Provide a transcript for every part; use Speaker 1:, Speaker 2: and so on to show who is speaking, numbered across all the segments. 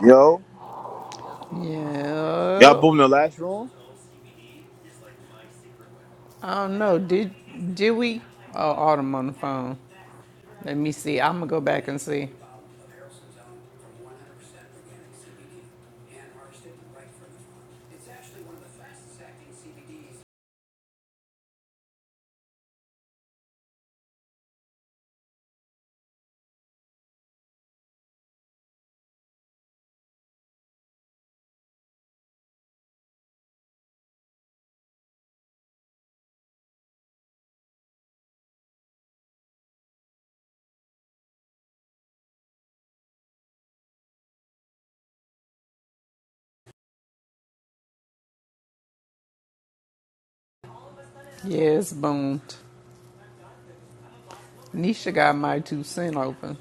Speaker 1: Yo, y'all
Speaker 2: Yeah,
Speaker 1: boom the last room?
Speaker 2: I don't know. Did did we? Oh, Autumn on the phone. Let me see. I'm gonna go back and see. Yes, boomed. Nisha got my two cent open.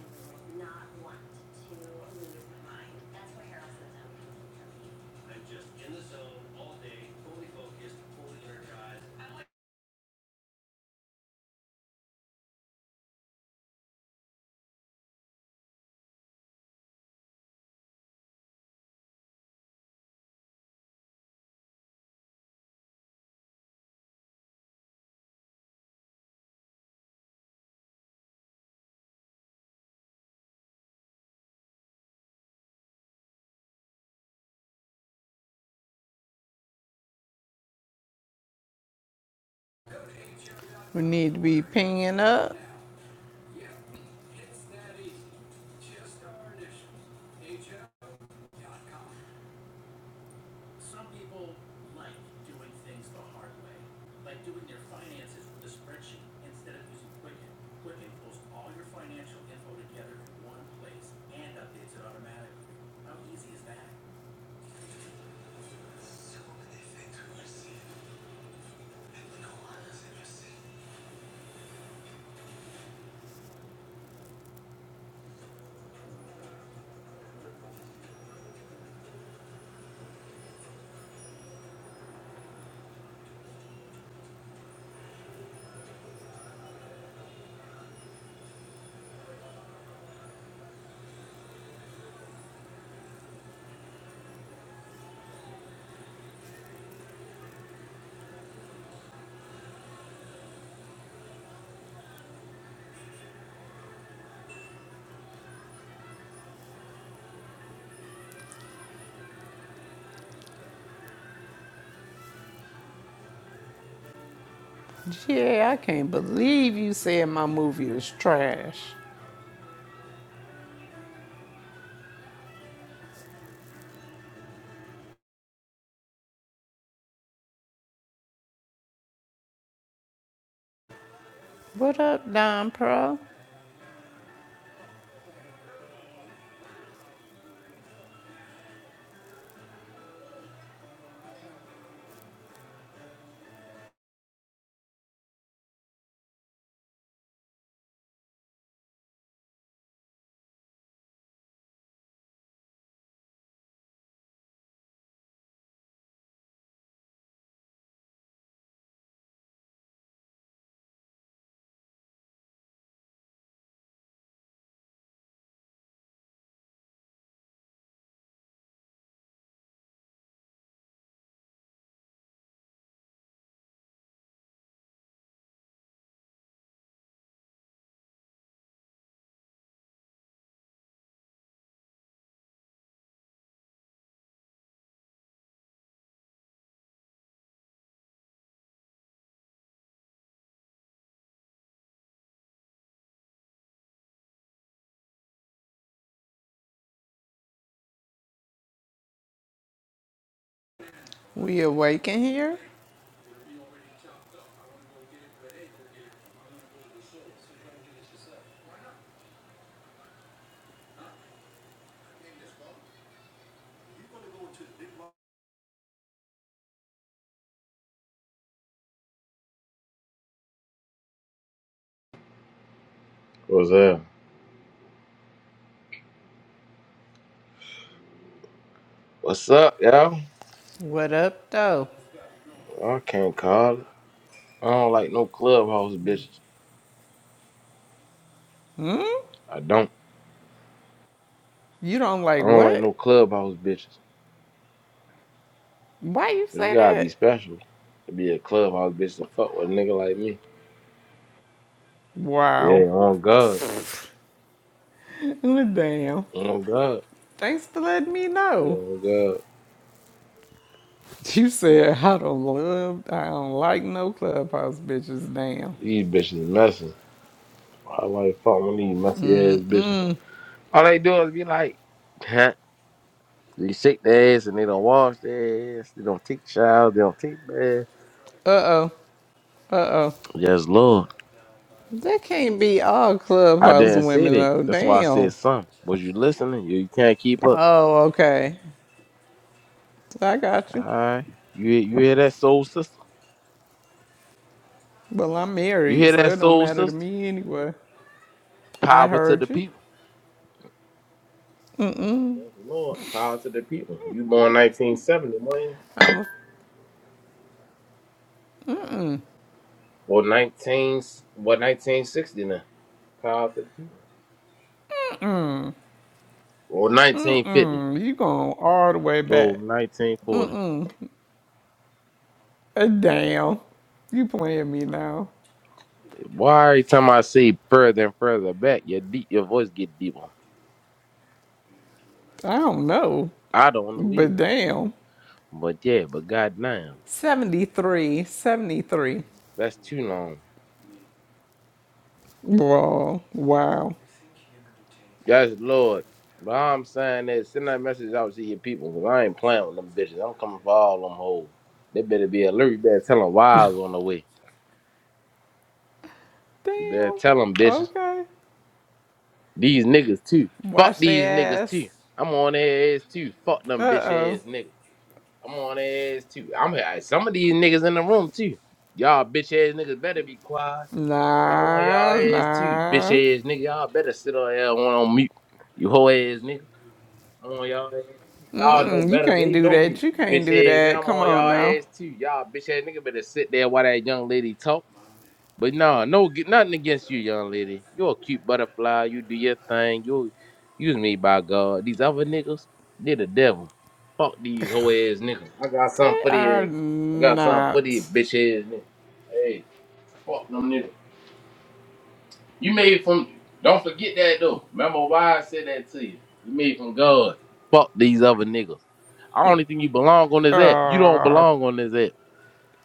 Speaker 2: We need to be pinging up. Yeah, I can't believe you said my movie is trash. What up, Don Pro? We awaken here?
Speaker 3: What's up? What's up, y'all?
Speaker 2: What up, though?
Speaker 3: I can't call it. I don't like no clubhouse bitches. I don't.
Speaker 2: You don't
Speaker 3: I
Speaker 2: like
Speaker 3: don't like
Speaker 2: what?
Speaker 3: no clubhouse bitches.
Speaker 2: Why you
Speaker 3: 'Cause you
Speaker 2: say
Speaker 3: gotta be
Speaker 2: that?
Speaker 3: special to be a clubhouse bitch to fuck with a nigga like me. Yeah,
Speaker 2: Wow.
Speaker 3: on God.
Speaker 2: Damn.
Speaker 3: On God.
Speaker 2: Thanks for letting me
Speaker 3: Yeah,
Speaker 2: know.
Speaker 3: on God.
Speaker 2: You said I don't love, I don't like no clubhouse bitches. Damn,
Speaker 3: These bitches messy. I like fuck with these messy ass bitches. All they do is be like, huh? They shake their ass and they don't wash their ass. They don't take showers. They don't take baths. Yes, Lord.
Speaker 2: that can't be all
Speaker 3: I
Speaker 2: clubhouse
Speaker 3: didn't say
Speaker 2: women
Speaker 3: that.
Speaker 2: though.
Speaker 3: That's why I
Speaker 2: Damn.
Speaker 3: said something. Was you listening? You, you can't keep up.
Speaker 2: Oh, okay. I got
Speaker 3: All
Speaker 2: you.
Speaker 3: right. You hear- you hear that soul sister?
Speaker 2: Well, I'm
Speaker 3: You
Speaker 2: married,
Speaker 3: hear
Speaker 2: so
Speaker 3: that
Speaker 2: it don't
Speaker 3: soul
Speaker 2: matter to
Speaker 3: sister?
Speaker 2: me anyway. I
Speaker 3: Power to the
Speaker 2: heard you.
Speaker 3: people. Praise the Lord. Power to the people. You born 1970, man?
Speaker 2: I'm a.
Speaker 3: Or 19, what, 1960 now? Power to the people. Or 1950.
Speaker 2: Mm, You going all the way
Speaker 3: Or
Speaker 2: back?
Speaker 3: 1940.
Speaker 2: Uh, Damn. You playing me now?
Speaker 3: Why every time I see further and further back, your deep, your voice get deeper?
Speaker 2: I don't know,
Speaker 3: I don't know either.
Speaker 2: but damn.
Speaker 3: But yeah, but goddamn,
Speaker 2: 73, 73.
Speaker 3: that's too long.
Speaker 2: Wow, wow.
Speaker 3: Yes, Lord. But all I'm saying is send that message out to your people because I ain't playing with them bitches. I'm coming for all them hoes. They better be alert. You better tell them wives on the way. You better
Speaker 2: Damn.
Speaker 3: tell them bitches.
Speaker 2: Okay.
Speaker 3: These niggas too. Fuck
Speaker 2: Wash
Speaker 3: these
Speaker 2: their
Speaker 3: niggas
Speaker 2: ass.
Speaker 3: too. I'm on their ass too. Fuck
Speaker 2: Uh
Speaker 3: them bitch
Speaker 2: oh.
Speaker 3: ass niggas. I'm on their ass too. I'm some of these niggas in the room too. Y'all bitch ass niggas better be quiet. I'm on y'all
Speaker 2: Nah,
Speaker 3: ass too. Bitch
Speaker 2: nah.
Speaker 3: ass nigga. Y'all better sit on here and on mute. You hoe ass nigga. I'm on y'all ass. too. Y'all know
Speaker 2: Mm-mm, you
Speaker 3: better.
Speaker 2: can't
Speaker 3: They
Speaker 2: do
Speaker 3: know me.
Speaker 2: that. You can't
Speaker 3: Bitch
Speaker 2: do
Speaker 3: ass.
Speaker 2: that.
Speaker 3: Now I'm
Speaker 2: Come
Speaker 3: on
Speaker 2: on
Speaker 3: y'all
Speaker 2: now.
Speaker 3: ass too. Y'all bitch ass nigga better sit there while that young lady talk. But nah, no, get nothing against you, young lady. you a cute butterfly. You do your thing. You use me by God. These other niggas, they the devil. Fuck these hoe ass niggas. I got something
Speaker 2: They
Speaker 3: for
Speaker 2: are
Speaker 3: these. I got something for these
Speaker 2: not.
Speaker 3: bitch ass niggas. Hey, fuck them niggas. You made from. Don't forget that though. Remember why I said that to you. You made from God. Fuck these other niggas. I don't think you belong on this app. You don't
Speaker 2: Oh,
Speaker 3: belong on this app.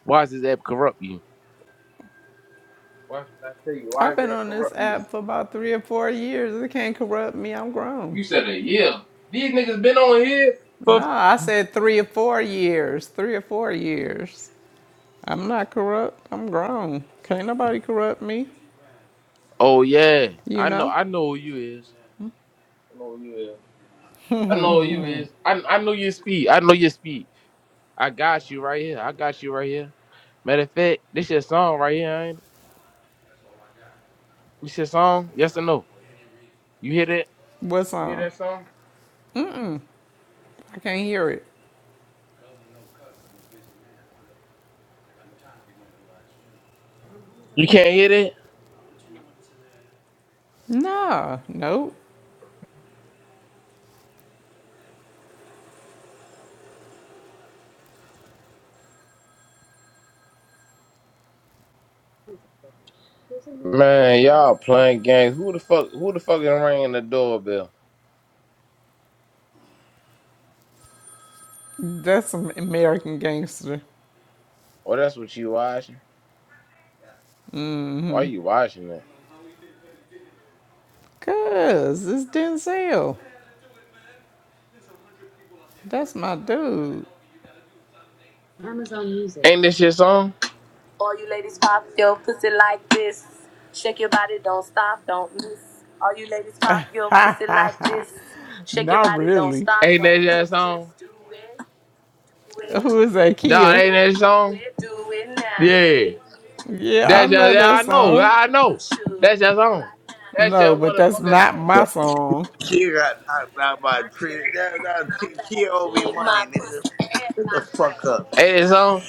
Speaker 3: Why does this app corrupt you? Why should I tell you? Why
Speaker 2: I've
Speaker 3: does
Speaker 2: been
Speaker 3: that
Speaker 2: on this
Speaker 3: corrupt you?
Speaker 2: app for about three or four years. It can't corrupt me. I'm grown.
Speaker 3: You said a year. These niggas been on here for.
Speaker 2: Nah, I said three or four years. Three or four years. I'm not corrupt. I'm grown. Can't nobody corrupt me.
Speaker 3: Oh yeah,
Speaker 2: You
Speaker 3: I know.
Speaker 2: know?
Speaker 3: I know who you is. I know who you is. I know who you is. I I know your speed. I know your speed. I got you right here. I got you right here. Matter of fact, this your song right here. Ain't it? This your song? Yes or no? You hear that?
Speaker 2: What's
Speaker 3: You hear
Speaker 2: on?
Speaker 3: that song?
Speaker 2: I can't hear it.
Speaker 3: You can't hear that?
Speaker 2: Nah, nope.
Speaker 3: Man, y'all playing games. Who the fuck? Who the fuck is ringing the doorbell?
Speaker 2: That's some American gangster.
Speaker 3: Oh, that's what you watching. Why you watching that?
Speaker 2: Cuz, it's Denzel. That's my dude.
Speaker 3: Amazon Music. Ain't this your song?
Speaker 2: Ha ha ha. Not really.
Speaker 3: Ain't that your song?
Speaker 2: Who is that,
Speaker 3: Dog,
Speaker 2: Kia?
Speaker 3: ain't that song? Yeah.
Speaker 2: Yeah, I
Speaker 3: That's just,
Speaker 2: know
Speaker 3: yeah,
Speaker 2: that
Speaker 3: I know. yeah,
Speaker 2: song.
Speaker 3: I know. That's your song. That's
Speaker 2: No,
Speaker 3: your
Speaker 2: but that's
Speaker 3: motherfucking
Speaker 2: not
Speaker 3: song.
Speaker 2: my
Speaker 4: that
Speaker 2: song.
Speaker 4: she got knocked out by a tree. That, that, she, she owe me money, nigga. Shut the fuck up,
Speaker 3: Ain't that song?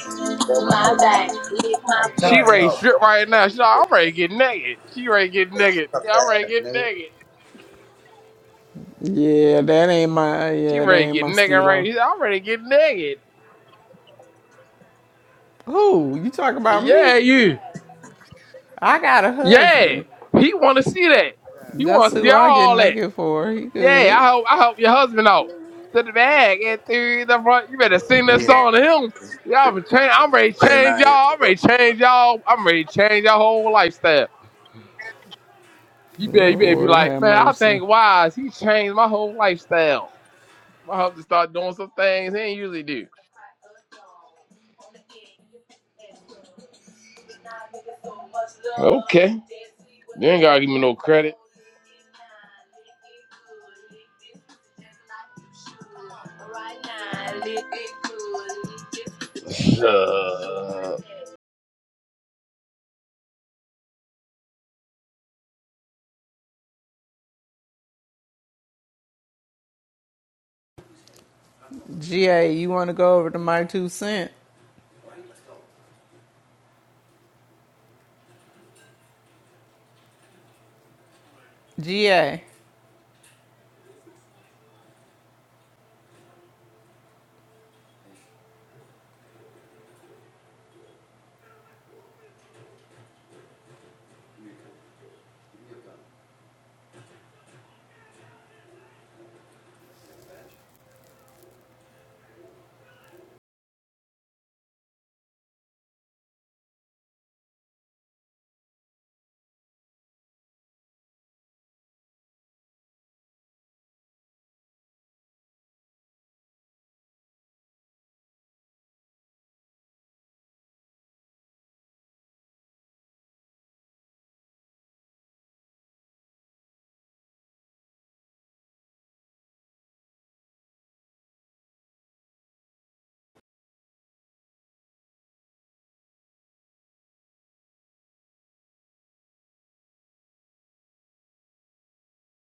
Speaker 4: dumbass
Speaker 3: My
Speaker 4: nigga.
Speaker 3: back, lick my
Speaker 4: I'm
Speaker 3: foot. She
Speaker 4: tired of
Speaker 3: ready to
Speaker 4: y'all
Speaker 3: strip right now. She like, I'm ready to get naked. She ready to get naked.
Speaker 4: bum
Speaker 3: Yeah, I'm ready to
Speaker 4: ass
Speaker 3: get
Speaker 4: nigga.
Speaker 3: naked.
Speaker 2: Yeah, that ain't my,
Speaker 3: She
Speaker 2: yeah, that
Speaker 3: ready to
Speaker 2: ain't
Speaker 3: get
Speaker 2: my
Speaker 3: naked right
Speaker 2: stilo.
Speaker 3: here. I'm ready to get naked.
Speaker 2: Who? You talk about me?
Speaker 3: Yeah, you.
Speaker 2: I got a
Speaker 3: Yeah.
Speaker 2: husband.
Speaker 3: He wanna see that. He
Speaker 2: That's
Speaker 3: wanna
Speaker 2: who
Speaker 3: see
Speaker 2: I get
Speaker 3: all that.
Speaker 2: naked for. He
Speaker 3: Yeah,
Speaker 2: good.
Speaker 3: I hope I hope your husband out to the bag and to the front. You better sing this
Speaker 4: Yeah.
Speaker 3: song to him. Y'all been change.
Speaker 4: I'm
Speaker 3: I'm ready to change
Speaker 4: 29 years
Speaker 3: y'all. I'm
Speaker 4: old.
Speaker 3: ready to change y'all. I'm ready to change your whole lifestyle. You better you better be
Speaker 2: Lord
Speaker 3: like,
Speaker 2: have
Speaker 3: man. I
Speaker 2: mercy.
Speaker 3: think wise. He changed my whole lifestyle. My husband started doing some things he ain't usually do. Okay. You ain't gotta give me no credit. Uh,
Speaker 2: GA, you want to go over to my two cent? GA.